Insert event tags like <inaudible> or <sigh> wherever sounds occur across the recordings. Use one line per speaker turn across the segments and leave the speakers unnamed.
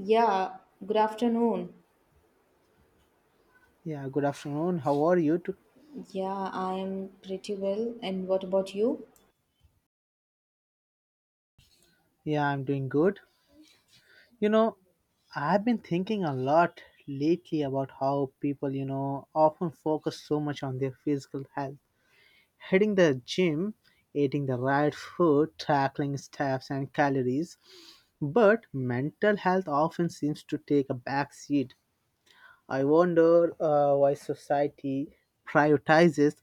Yeah, good afternoon.
Yeah, good afternoon. How are you?
Yeah, I am pretty well. And what about you?
Yeah, I'm doing good. You know, I've been thinking a lot lately about how people, often focus so much on their physical health. Hitting the gym, eating the right food, tackling steps and calories. But mental health often seems to take a back seat. I wonder why society prioritizes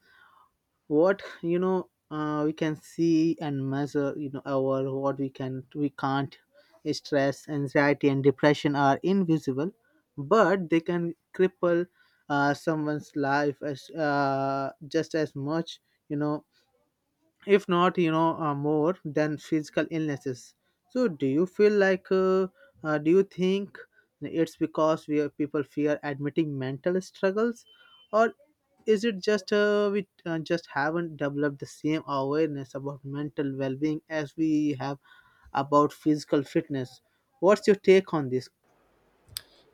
what, we can see and measure. Our what we can, we can't. Stress, anxiety and depression are invisible but they can cripple someone's life as, just as much you know if not, more than physical illnesses. So do you think it's because people fear admitting mental struggles, or is it just, we just haven't developed the same awareness about mental well-being as we have about physical fitness? What's your take on this?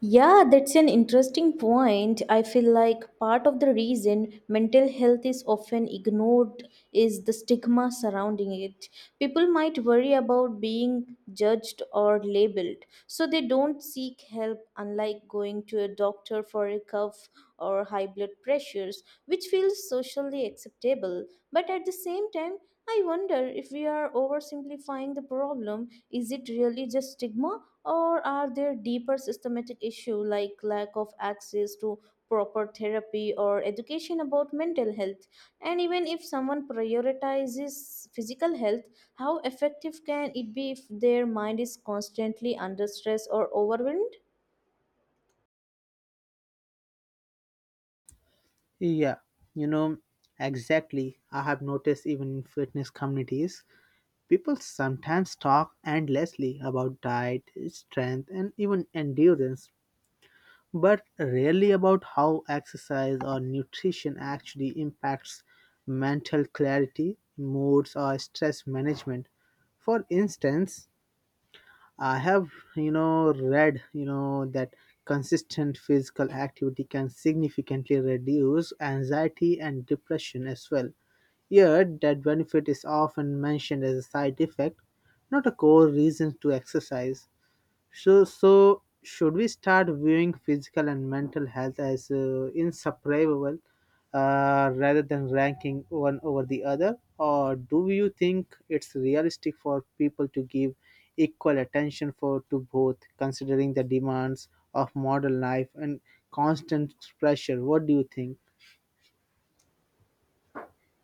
Yeah, that's an interesting point. I feel like part of the reason mental health is often ignored is the stigma surrounding it. People might worry about being judged or labeled, so they don't seek help, unlike going to a doctor for a cough or high blood pressures, which feels socially acceptable. But at the same time, I wonder if we are oversimplifying the problem. Is it really just stigma? Or are there deeper systematic issues like lack of access to proper therapy or education about mental health? And even if someone prioritizes physical health, how effective can it be if their mind is constantly under stress or overwhelmed?
Yeah, you know exactly. I have noticed even in fitness communities people sometimes talk endlessly about diet, strength, and even endurance, but rarely about how exercise or nutrition actually impacts mental clarity, moods, or stress management. For instance, I have, read, that consistent physical activity can significantly reduce anxiety and depression as well. Yet, that benefit is often mentioned as a side effect, not a core reason to exercise. So, should we start viewing physical and mental health as inseparable, rather than ranking one over the other? Or do you think it's realistic for people to give equal attention for to both, considering the demands of modern life and constant pressure? What do you think?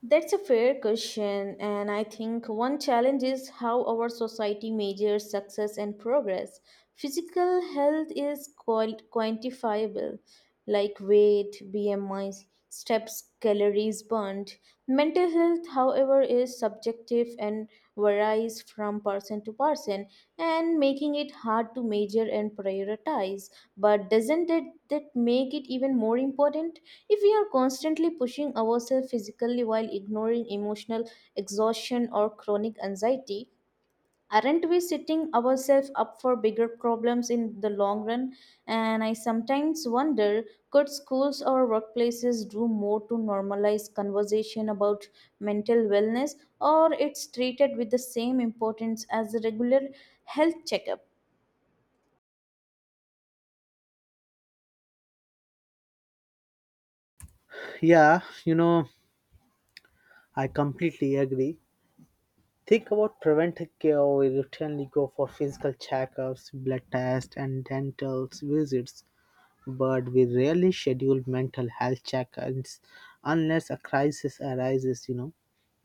That's a fair question, and I think one challenge is how our society measures success and progress. Physical health is quantifiable, like weight, BMI, steps, calories burned. Mental health, however, is subjective and varies from person to person, and making it hard to measure and prioritize. But doesn't it that make it even more important? If we are constantly pushing ourselves physically while ignoring emotional exhaustion or chronic anxiety, aren't we setting ourselves up for bigger problems in the long run? And I sometimes wonder, could schools or workplaces do more to normalize conversation about mental wellness, or it's treated with the same importance as a regular health checkup?
Yeah, I completely agree. Think about preventive care. We routinely go for physical checkups, blood tests, and dental visits, but we rarely schedule mental health checkups unless a crisis arises.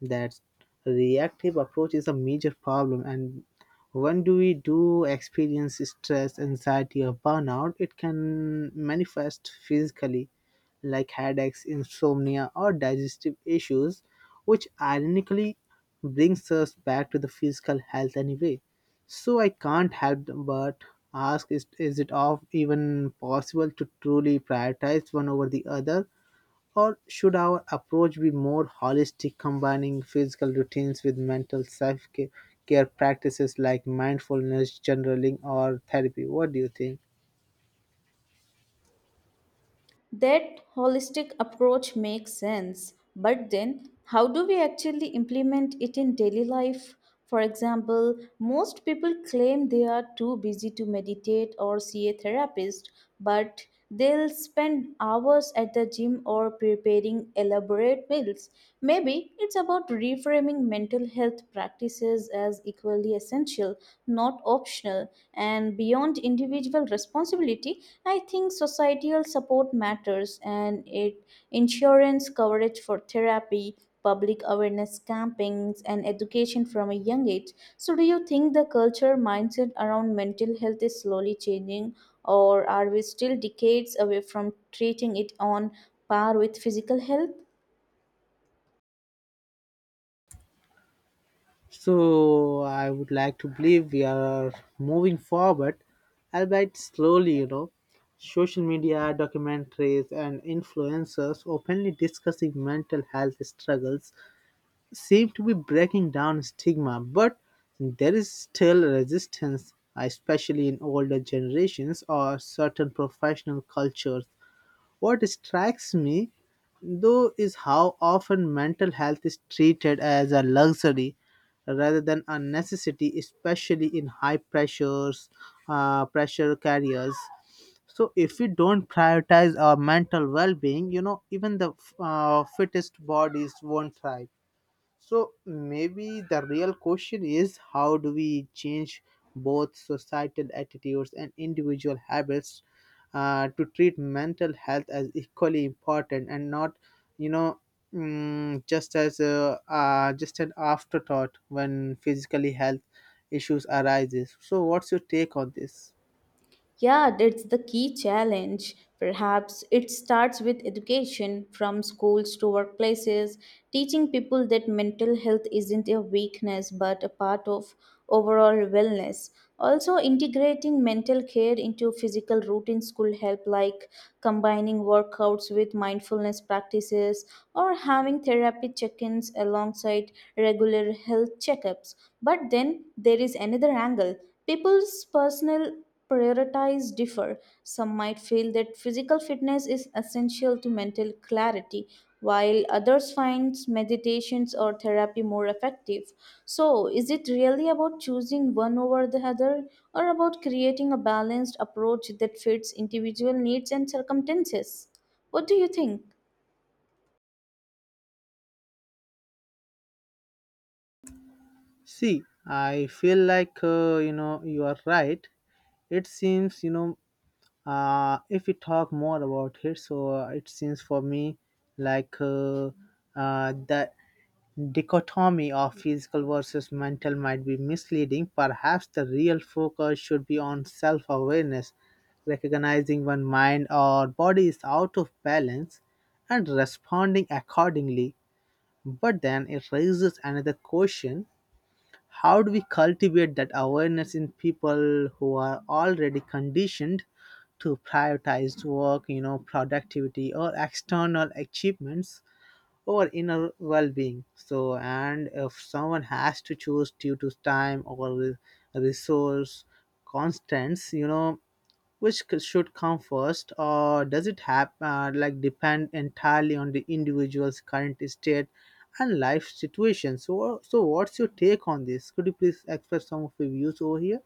That reactive approach is a major problem, and when do we do experience stress, anxiety, or burnout, it can manifest physically, like headaches, insomnia, or digestive issues, which ironically brings us back to the physical health anyway. So I can't help but ask: is it of even possible to truly prioritize one over the other? Or should our approach be more holistic, combining physical routines with mental self care practices like mindfulness, journaling, or therapy? What do you think?
That holistic approach makes sense, but then how do we actually implement it in daily life? For example, most people claim they are too busy to meditate or see a therapist, but they'll spend hours at the gym or preparing elaborate meals. Maybe it's about reframing mental health practices as equally essential, not optional. And beyond individual responsibility, I think societal support matters, and it insurance coverage for therapy, public awareness campaigns and education from a young age. So do you think the culture mindset around mental health is slowly changing, or are we still decades away from treating it on par with physical health?
So, I would like to believe we are moving forward, albeit slowly. Social media, documentaries, and influencers openly discussing mental health struggles seem to be breaking down stigma, but there is still resistance, especially in older generations or certain professional cultures. What strikes me, though, is how often mental health is treated as a luxury rather than a necessity, especially in high pressure carriers. So if we don't prioritize our mental well-being, even the fittest bodies won't thrive. So maybe the real question is: how do we change both societal attitudes and individual habits to treat mental health as equally important, and not, you know, just as a, just an afterthought when physically health issues arises. So what's your take on this?
Yeah, that's the key challenge. Perhaps it starts with education from schools to workplaces, teaching people that mental health isn't a weakness but a part of overall wellness. Also, integrating mental care into physical routines could help, like combining workouts with mindfulness practices or having therapy check ins alongside regular health checkups. But then there is another angle, people's personal priorities differ. Some might feel that physical fitness is essential to mental clarity, while others find meditations or therapy more effective. So, is it really about choosing one over the other, or about creating a balanced approach that fits individual needs and circumstances? What do you think?
See, I feel like you are right. It seems, if we talk more about it, so it seems for me like the dichotomy of physical versus mental might be misleading. Perhaps the real focus should be on self awareness, recognizing when mind or body is out of balance and responding accordingly. But then it raises another question: how do we cultivate that awareness in people who are already conditioned to prioritize work, productivity, or external achievements over inner well-being? So, and if someone has to choose due to time or resource constants, which should come first, or does it have, like, depend entirely on the individual's current state and life situation? So, so what's your take on this? Could you please express some of your views over here?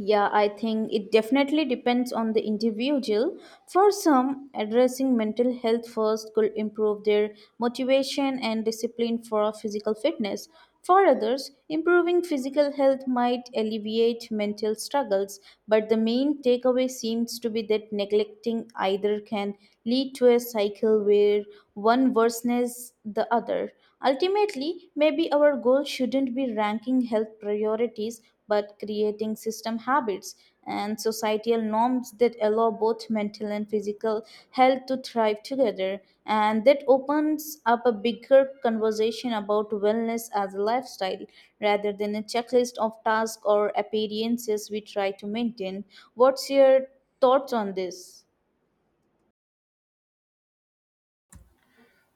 Yeah, I think it definitely depends on the individual. For some, addressing mental health first could improve their motivation and discipline for physical fitness. For others, improving physical health might alleviate mental struggles, but the main takeaway seems to be that neglecting either can lead to a cycle where one worsens the other. Ultimately, maybe our goal shouldn't be ranking health priorities but creating system habits and societal norms that allow both mental and physical health to thrive together. And that opens up a bigger conversation about wellness as a lifestyle rather than a checklist of tasks or appearances we try to maintain. What's your thoughts on this?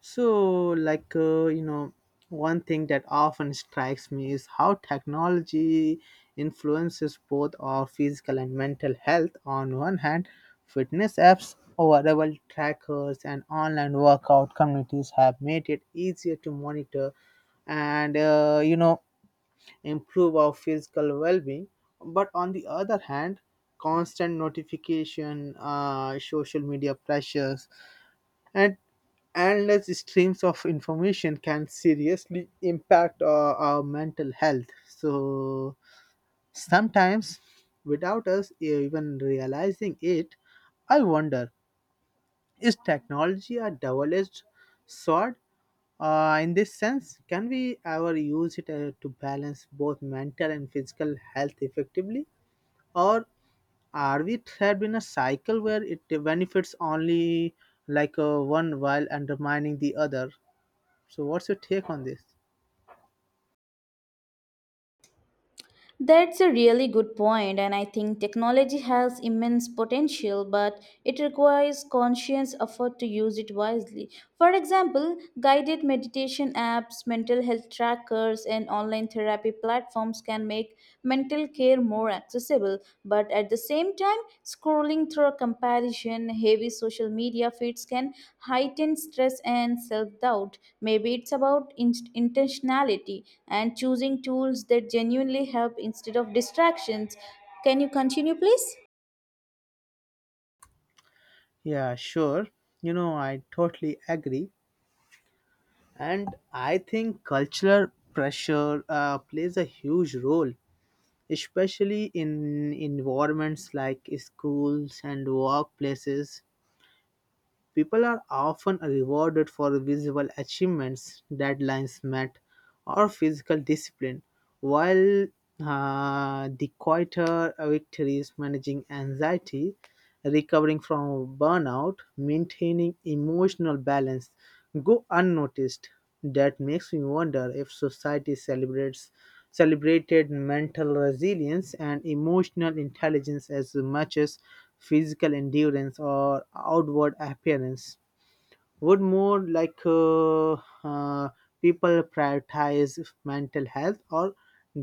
So, like, one thing that often strikes me is how technology influences both our physical and mental health. On one hand, fitness apps, wearable trackers, and online workout communities have made it easier to monitor and improve our physical well being. But on the other hand, constant notification, social media pressures, and endless streams of information can seriously impact our mental health. So sometimes, without us even realizing it, I wonder: is technology a double edged sword? In this sense, can we ever use it to balance both mental and physical health effectively? Or are we trapped in a cycle where it benefits only one while undermining the other? So, what's your take on this?
That's a really good point, and I think technology has immense potential, but it requires conscious effort to use it wisely. For example, guided meditation apps, mental health trackers, and online therapy platforms can make mental care more accessible, but at the same time, scrolling through comparison, heavy social media feeds can heighten stress and self doubt. Maybe it's about intentionality and choosing tools that genuinely help instead of distractions. Can you continue, please?
Yeah, sure. I totally agree. And I think cultural pressure plays a huge role, especially in environments like schools and workplaces. People are often rewarded for visible achievements, deadlines met, or physical discipline, while the quieter victories, managing anxiety, recovering from burnout, maintaining emotional balance, go unnoticed. That makes me wonder if society celebrates celebrated mental resilience and emotional intelligence as much as physical endurance or outward appearance. Would more uh, people prioritize mental health, or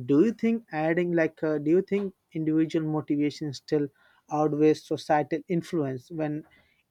do you think individual motivation still outweighs societal influence when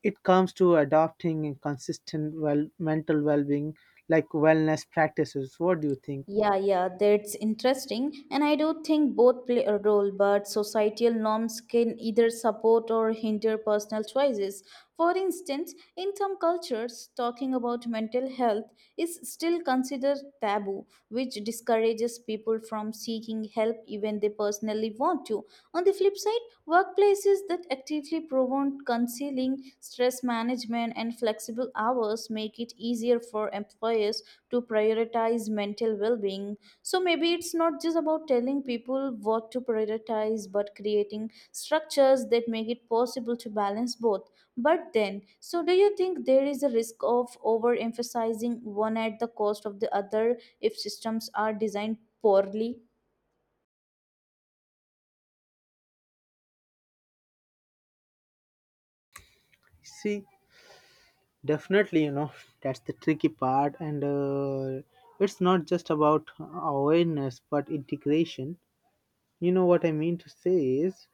it comes to adopting consistent, mental well-being, like wellness practices? What do you think?
Yeah, that's interesting. And I do think both play a role, but societal norms can either support or hinder personal choices. For instance, in some cultures, talking about mental health is still considered taboo, which discourages people from seeking help even they personally want to. On the flip side, workplaces that actively promote concealing training, stress management, and flexible hours make it easier for employers to prioritize mental well being. So maybe it's not just about telling people what to prioritize, but creating structures that make it possible to balance both. But then, so do you think there is a risk of overemphasizing one at the cost of the other if systems are designed poorly?
See. Definitely, <laughs> that's the tricky part, and it's not just about awareness but integration. You know what I mean to say is,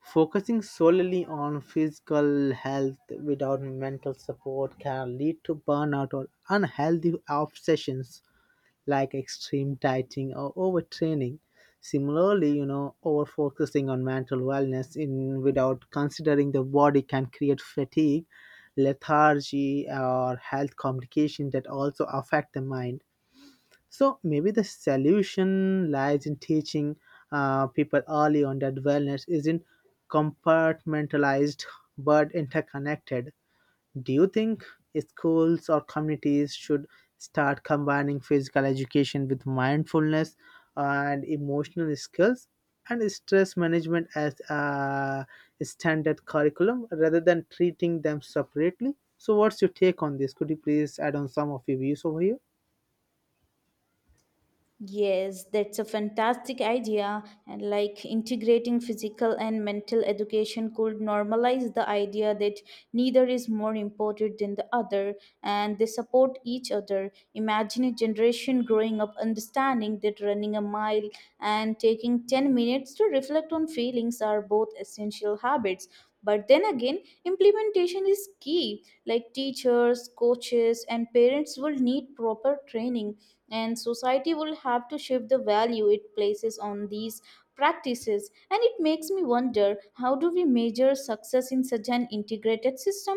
focusing solely on physical health without mental support can lead to burnout or unhealthy obsessions, like extreme dieting or overtraining. Similarly, over focusing on mental wellness in without considering the body can create fatigue, lethargy, or health complications that also affect the mind. So maybe the solution lies in teaching people early on that wellness isn't compartmentalized but interconnected. Do you think schools or communities should start combining physical education with mindfulness, and emotional skills, and stress management as a standard curriculum rather than treating them separately? So, what's your take on this? Could you please add on some of your views over here?
Yes, that's a fantastic idea. And like integrating physical and mental education could normalize the idea that neither is more important than the other and they support each other. Imagine a generation growing up understanding that running a mile and taking 10 minutes to reflect on feelings are both essential habits. But then again, implementation is key. Like teachers, coaches, and parents will need proper training and society will have to shift the value it places on these practices, and it makes me wonder, how do we measure success in such an integrated system?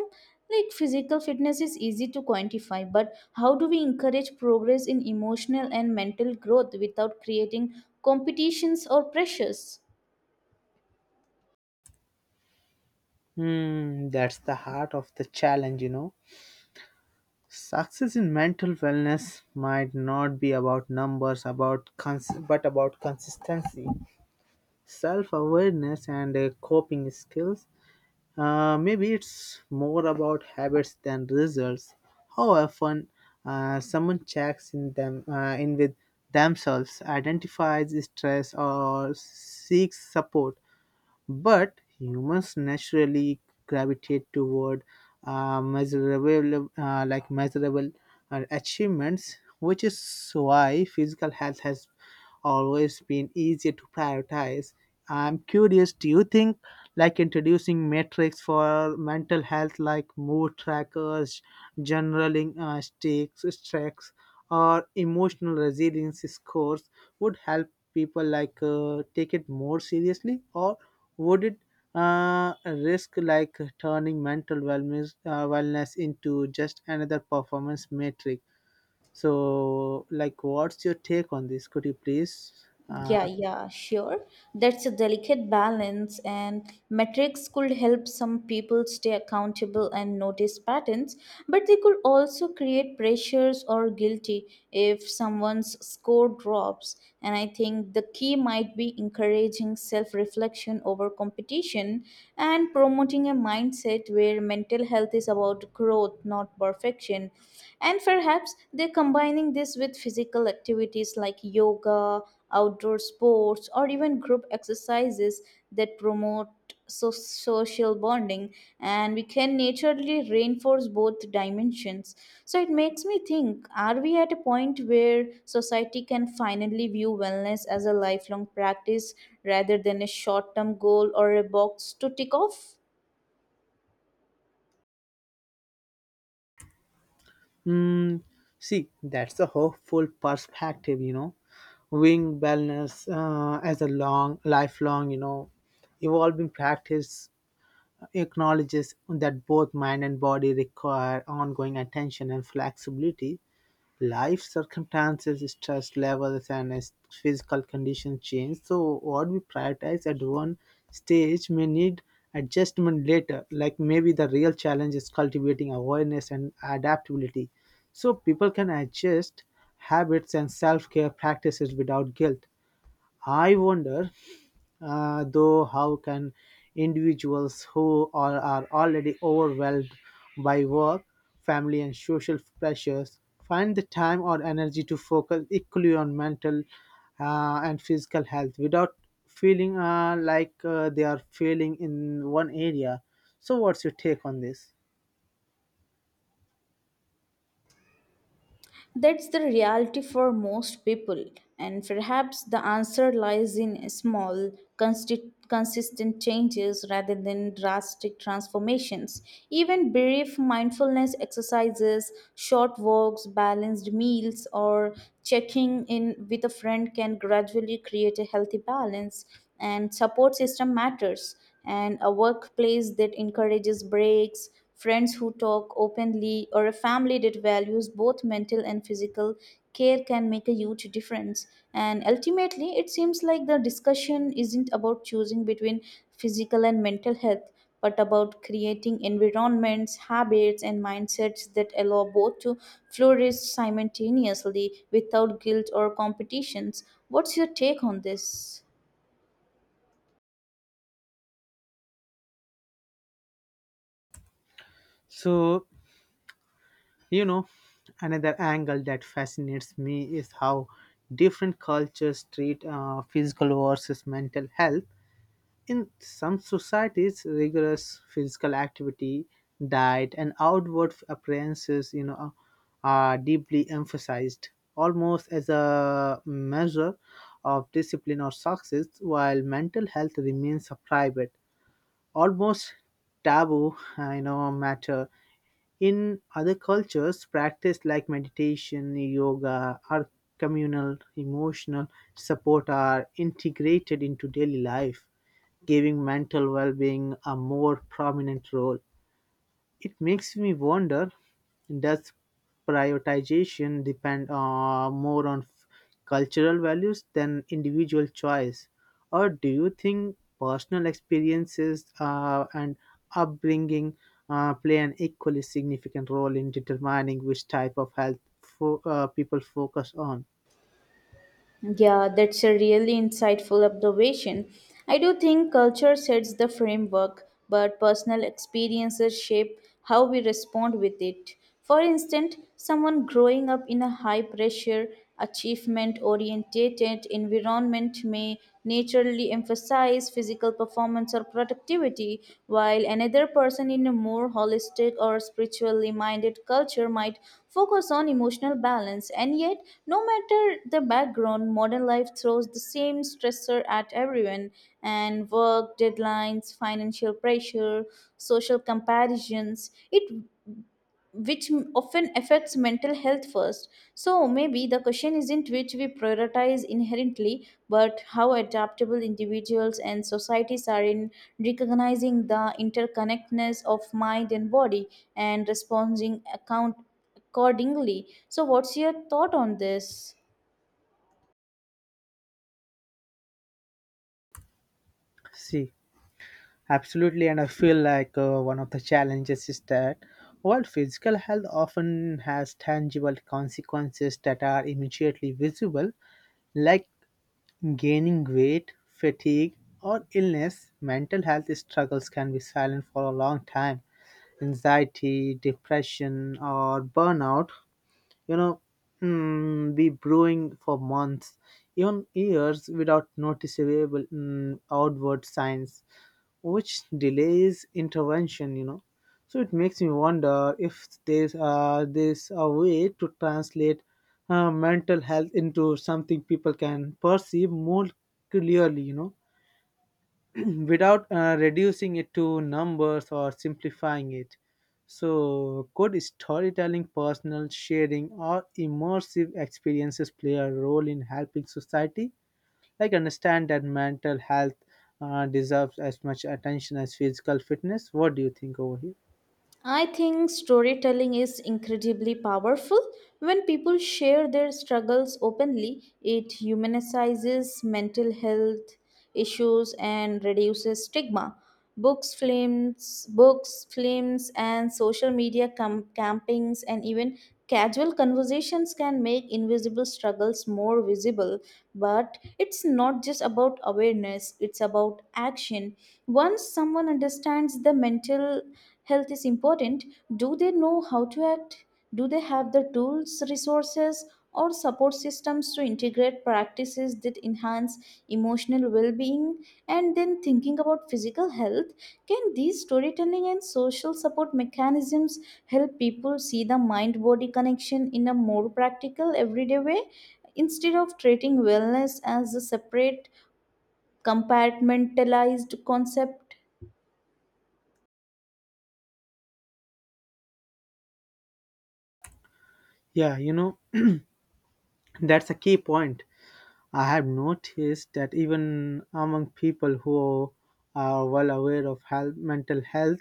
Like physical fitness is easy to quantify, but how do we encourage progress in emotional and mental growth without creating competitions or pressures?
Hmm, that's the heart of the challenge. Success in mental wellness might not be about numbers, but about consistency, self-awareness, and coping skills. Maybe it's more about habits than results, how often someone checks in with themselves, identifies stress, or seeks support. But humans naturally gravitate toward measurable achievements, which is why physical health has always been easier to prioritize. I'm curious, do you think like introducing metrics for mental health, like mood trackers, generaling stakes, tracks, or emotional resilience scores, would help people take it more seriously, or would it risk like turning mental wellness into just another performance metric? So, like, what's your take on this? Could you please?
Yeah, yeah, sure. That's a delicate balance, and metrics could help some people stay accountable and notice patterns, but they could also create pressures or guilty if someone's score drops. And I think the key might be encouraging self reflection over competition and promoting a mindset where mental health is about growth, not perfection. And perhaps they're combining this with physical activities like yoga outdoor sports, or even group exercises that promote social bonding, and we can naturally reinforce both dimensions. So it makes me think, are we at a point where society can finally view wellness as a lifelong practice rather than a short term goal or a box to tick off?
Mm, See, that's a hopeful perspective, you know, wing wellness as a lifelong, evolving practice. Acknowledges that both mind and body require ongoing attention and flexibility. Life circumstances, stress levels, and his physical conditions change. So, what we prioritize at one stage may need adjustment later. Like maybe the real challenge is cultivating awareness and adaptability, so people can adjust habits and self care practices without guilt. I wonder, though, how can individuals who are already overwhelmed by work, family, and social pressures find the time or energy to focus equally on mental and physical health without feeling like they are failing in one area? So, what's your take on this?
That's the reality for most people, and perhaps the answer lies in small, consistent changes rather than drastic transformations. Even brief mindfulness exercises, short walks, balanced meals, or checking in with a friend can gradually create a healthy balance. And support system matters, and a workplace that friends who openly or And ultimately, it seems like the discussion isn't about choosing between physical and mental health, but about creating environments, habits, and mindsets that allow both to flourish simultaneously without guilt or competitions. What's your
So, You know, another angle that fascinates me is how different cultures treat physical versus mental health. In some societies, rigorous physical activity, diet, and outward appearances, are deeply emphasized, almost as a measure of discipline or success, while mental health remains a private, almost taboo, matter. In other cultures, practice like meditation, yoga, or communal emotional support are integrated into daily life, giving mental well being a more prominent role. It makes me wonder, does prioritization depend, more on cultural values than individual choice? Or do you think personal experiences and upbringing play an equally significant role in determining which type of health people focus on?
Yeah, that's a really insightful observation. I do think culture sets the framework, but personal experiences shape how we respond with it. For instance, someone growing up in a high pressure, achievement oriented environment may naturally emphasize physical performance moments of productivity, while another person in a more holistic or spiritually minded culture might focus on emotional balance. And yet, no matter the background, modern life throws the same stressor at everyone and work, deadlines, financial pressure, social comparisons. It which often affects mental health first. So maybe the question isn't which we prioritize inherently, but how adaptable individuals and societies are in recognizing the interconnectedness of mind and body and responding account accordingly. So what's your thought on this?
See. Absolutely, and I feel like one of the challenges is that while physical health often has tangible consequences that are immediately visible, like gaining weight, fatigue, or illness, mental health struggles can be silent for a long time. Anxiety, depression, or burnout, you know, be brewing for months, even years without noticeable outward signs, which delays intervention. So it makes me wonder if there's a way to translate mental health into something people can perceive more clearly, without reducing it to numbers or simplifying it. So, could storytelling, personal sharing, or immersive experiences play a role in helping society like understand that mental health deserves as much attention as physical fitness? What do you think over here?
I think storytelling is incredibly powerful. When people share their struggles openly, it humanizes mental health issues and reduces stigma. Books, films, and social media campings, and even casual conversations can make invisible struggles more visible. But it's not just about awareness; it's about action. Once someone understands the mental health is important, do they know how to act? Do they have the tools resources or support systems to integrate practices that enhance emotional well-being? And then thinking about physical health, can these storytelling and social support mechanisms help people see the mind body connection in a more practical everyday way instead of treating wellness as a separate compartmentalized concept?
Yeah, that's a key point. I have noticed that even among people who are well aware of health, mental health,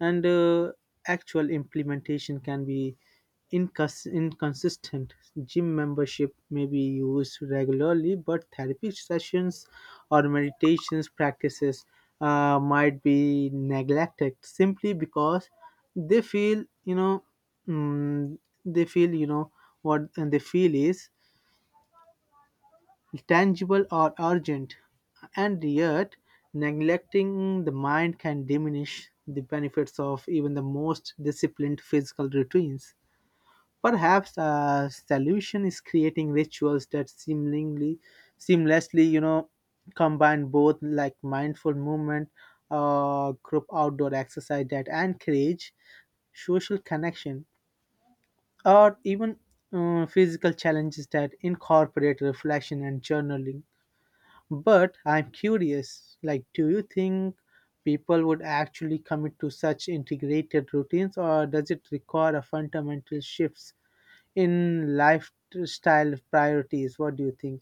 and actual implementation can be inconsistent. Gym membership may be used regularly, but therapy sessions or meditations practices might be neglected simply because they feel, you know, mm, they feel, what and they feel is tangible or urgent, and yet neglecting the mind can diminish the benefits of even the most disciplined physical routines. Perhaps a solution is creating rituals that seemingly seamlessly, you know, combine both, like mindful movement, group outdoor exercise that encourage social connection, or even physical challenges that incorporate reflection and journaling. But I'm curious, like, do you think people would actually commit to such integrated routines, or does it require a fundamental shifts in lifestyle priorities? What do you think?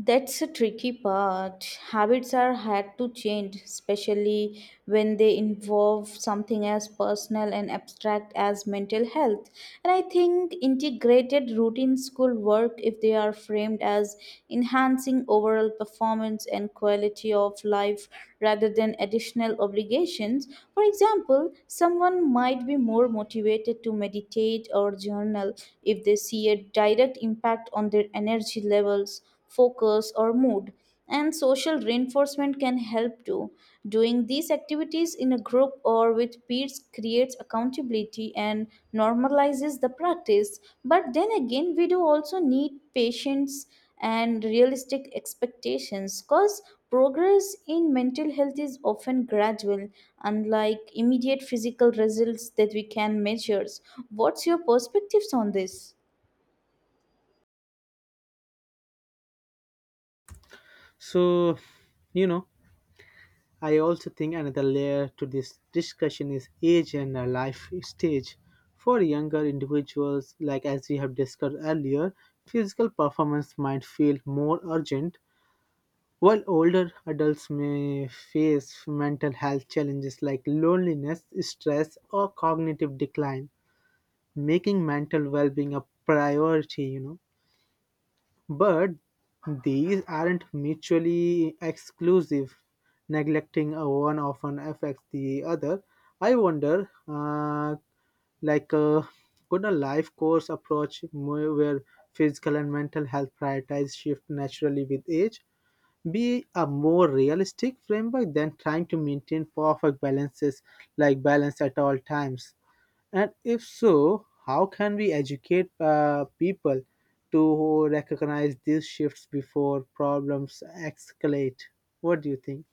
That's a tricky part. Habits are hard to change, especially when they involve something as personal and abstract as mental health. And I think integrated routines could work if they are framed as enhancing overall performance and quality of life rather than additional obligations. For example, someone might be more motivated to meditate or journal if they see a direct impact on their energy levels focus, or mood. And social reinforcement can help too. Doing these activities in a group or with peers creates accountability and normalizes the practice. But then again, we do also need patience and realistic expectations because progress in mental health is often gradual, unlike immediate physical results that we can measure. What's your perspectives on this?
So, you know, I also think another layer to this discussion is age and our life stage. For younger individuals, like as we have discussed earlier, physical performance might feel more urgent, while older adults may face mental health challenges like loneliness, stress, or cognitive decline, making mental well-being a priority. But these aren't mutually exclusive. Neglecting a one often affects the other. I wonder, like, could a life course approach, more where physical and mental health priorities shift naturally with age, be a more realistic framework than trying to maintain perfect balances like balance at all times? And if so, how can we educate people to recognize these shifts before problems escalate? What do you think?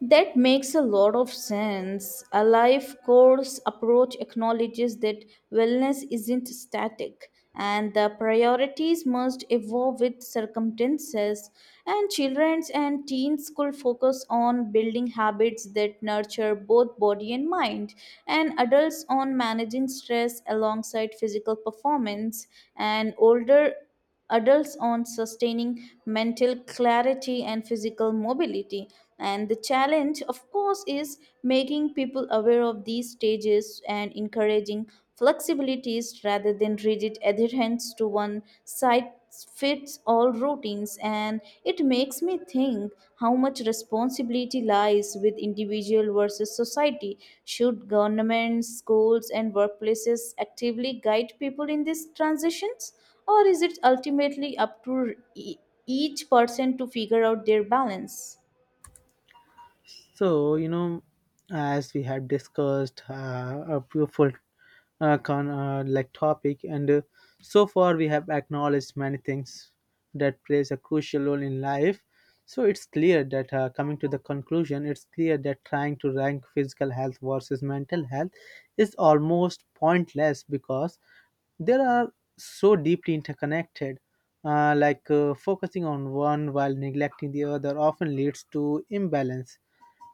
That makes a lot of sense. A life course approach acknowledges that wellness isn't static and the priorities must evolve with circumstances, and children and teens could focus on building habits that nurture both body and mind, and adults on managing stress alongside physical performance, and older adults on sustaining mental clarity and physical mobility. And the challenge, of course, is making people aware of these stages and encouraging flexibilities rather than rigid adherence to one size fits all routines. And it makes me think, how much responsibility lies with individual versus society? Should governments, schools, and workplaces actively guide people in this transitions, or is it ultimately up to each person to figure out their balance?
So, as we had discussed a beautiful like topic, and so far we have acknowledged many things that plays a crucial role in life. So it's clear that, coming to the conclusion, it's clear that trying to rank physical health versus mental health is almost pointless because there are so deeply interconnected. Like, focusing on one while neglecting the other often leads to imbalance,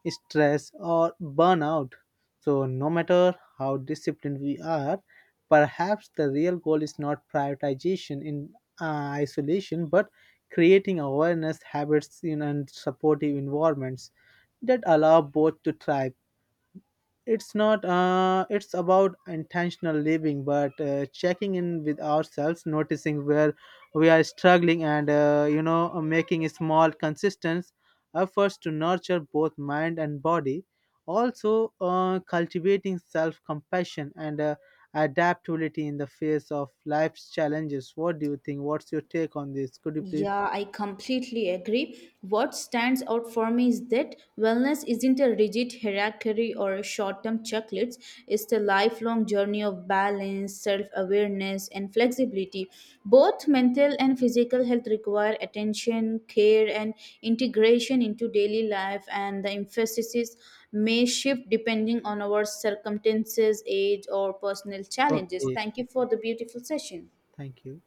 stress, or burnout. So, no matter how disciplined we are, perhaps the real goal is not prioritization in isolation, but creating awareness, habits, and supportive environments that allow both to thrive. It's not, it's about intentional living, but checking in with ourselves, noticing where we are struggling, and, making small, consistent efforts to nurture both mind and body. Also, cultivating self compassion and adaptability in the face of life's challenges. What do you think? What's your take on this? Could you please?
Yeah, I completely agree. What stands out for me is that wellness isn't a rigid hierarchy or short term checklists, it's the lifelong journey of balance, self awareness, and flexibility. Both mental and physical health require attention, care, and integration into daily life, and the emphasis may shift depending on our circumstances, age, or personal challenges.
Okay,
Thank you for the beautiful session.
thank you.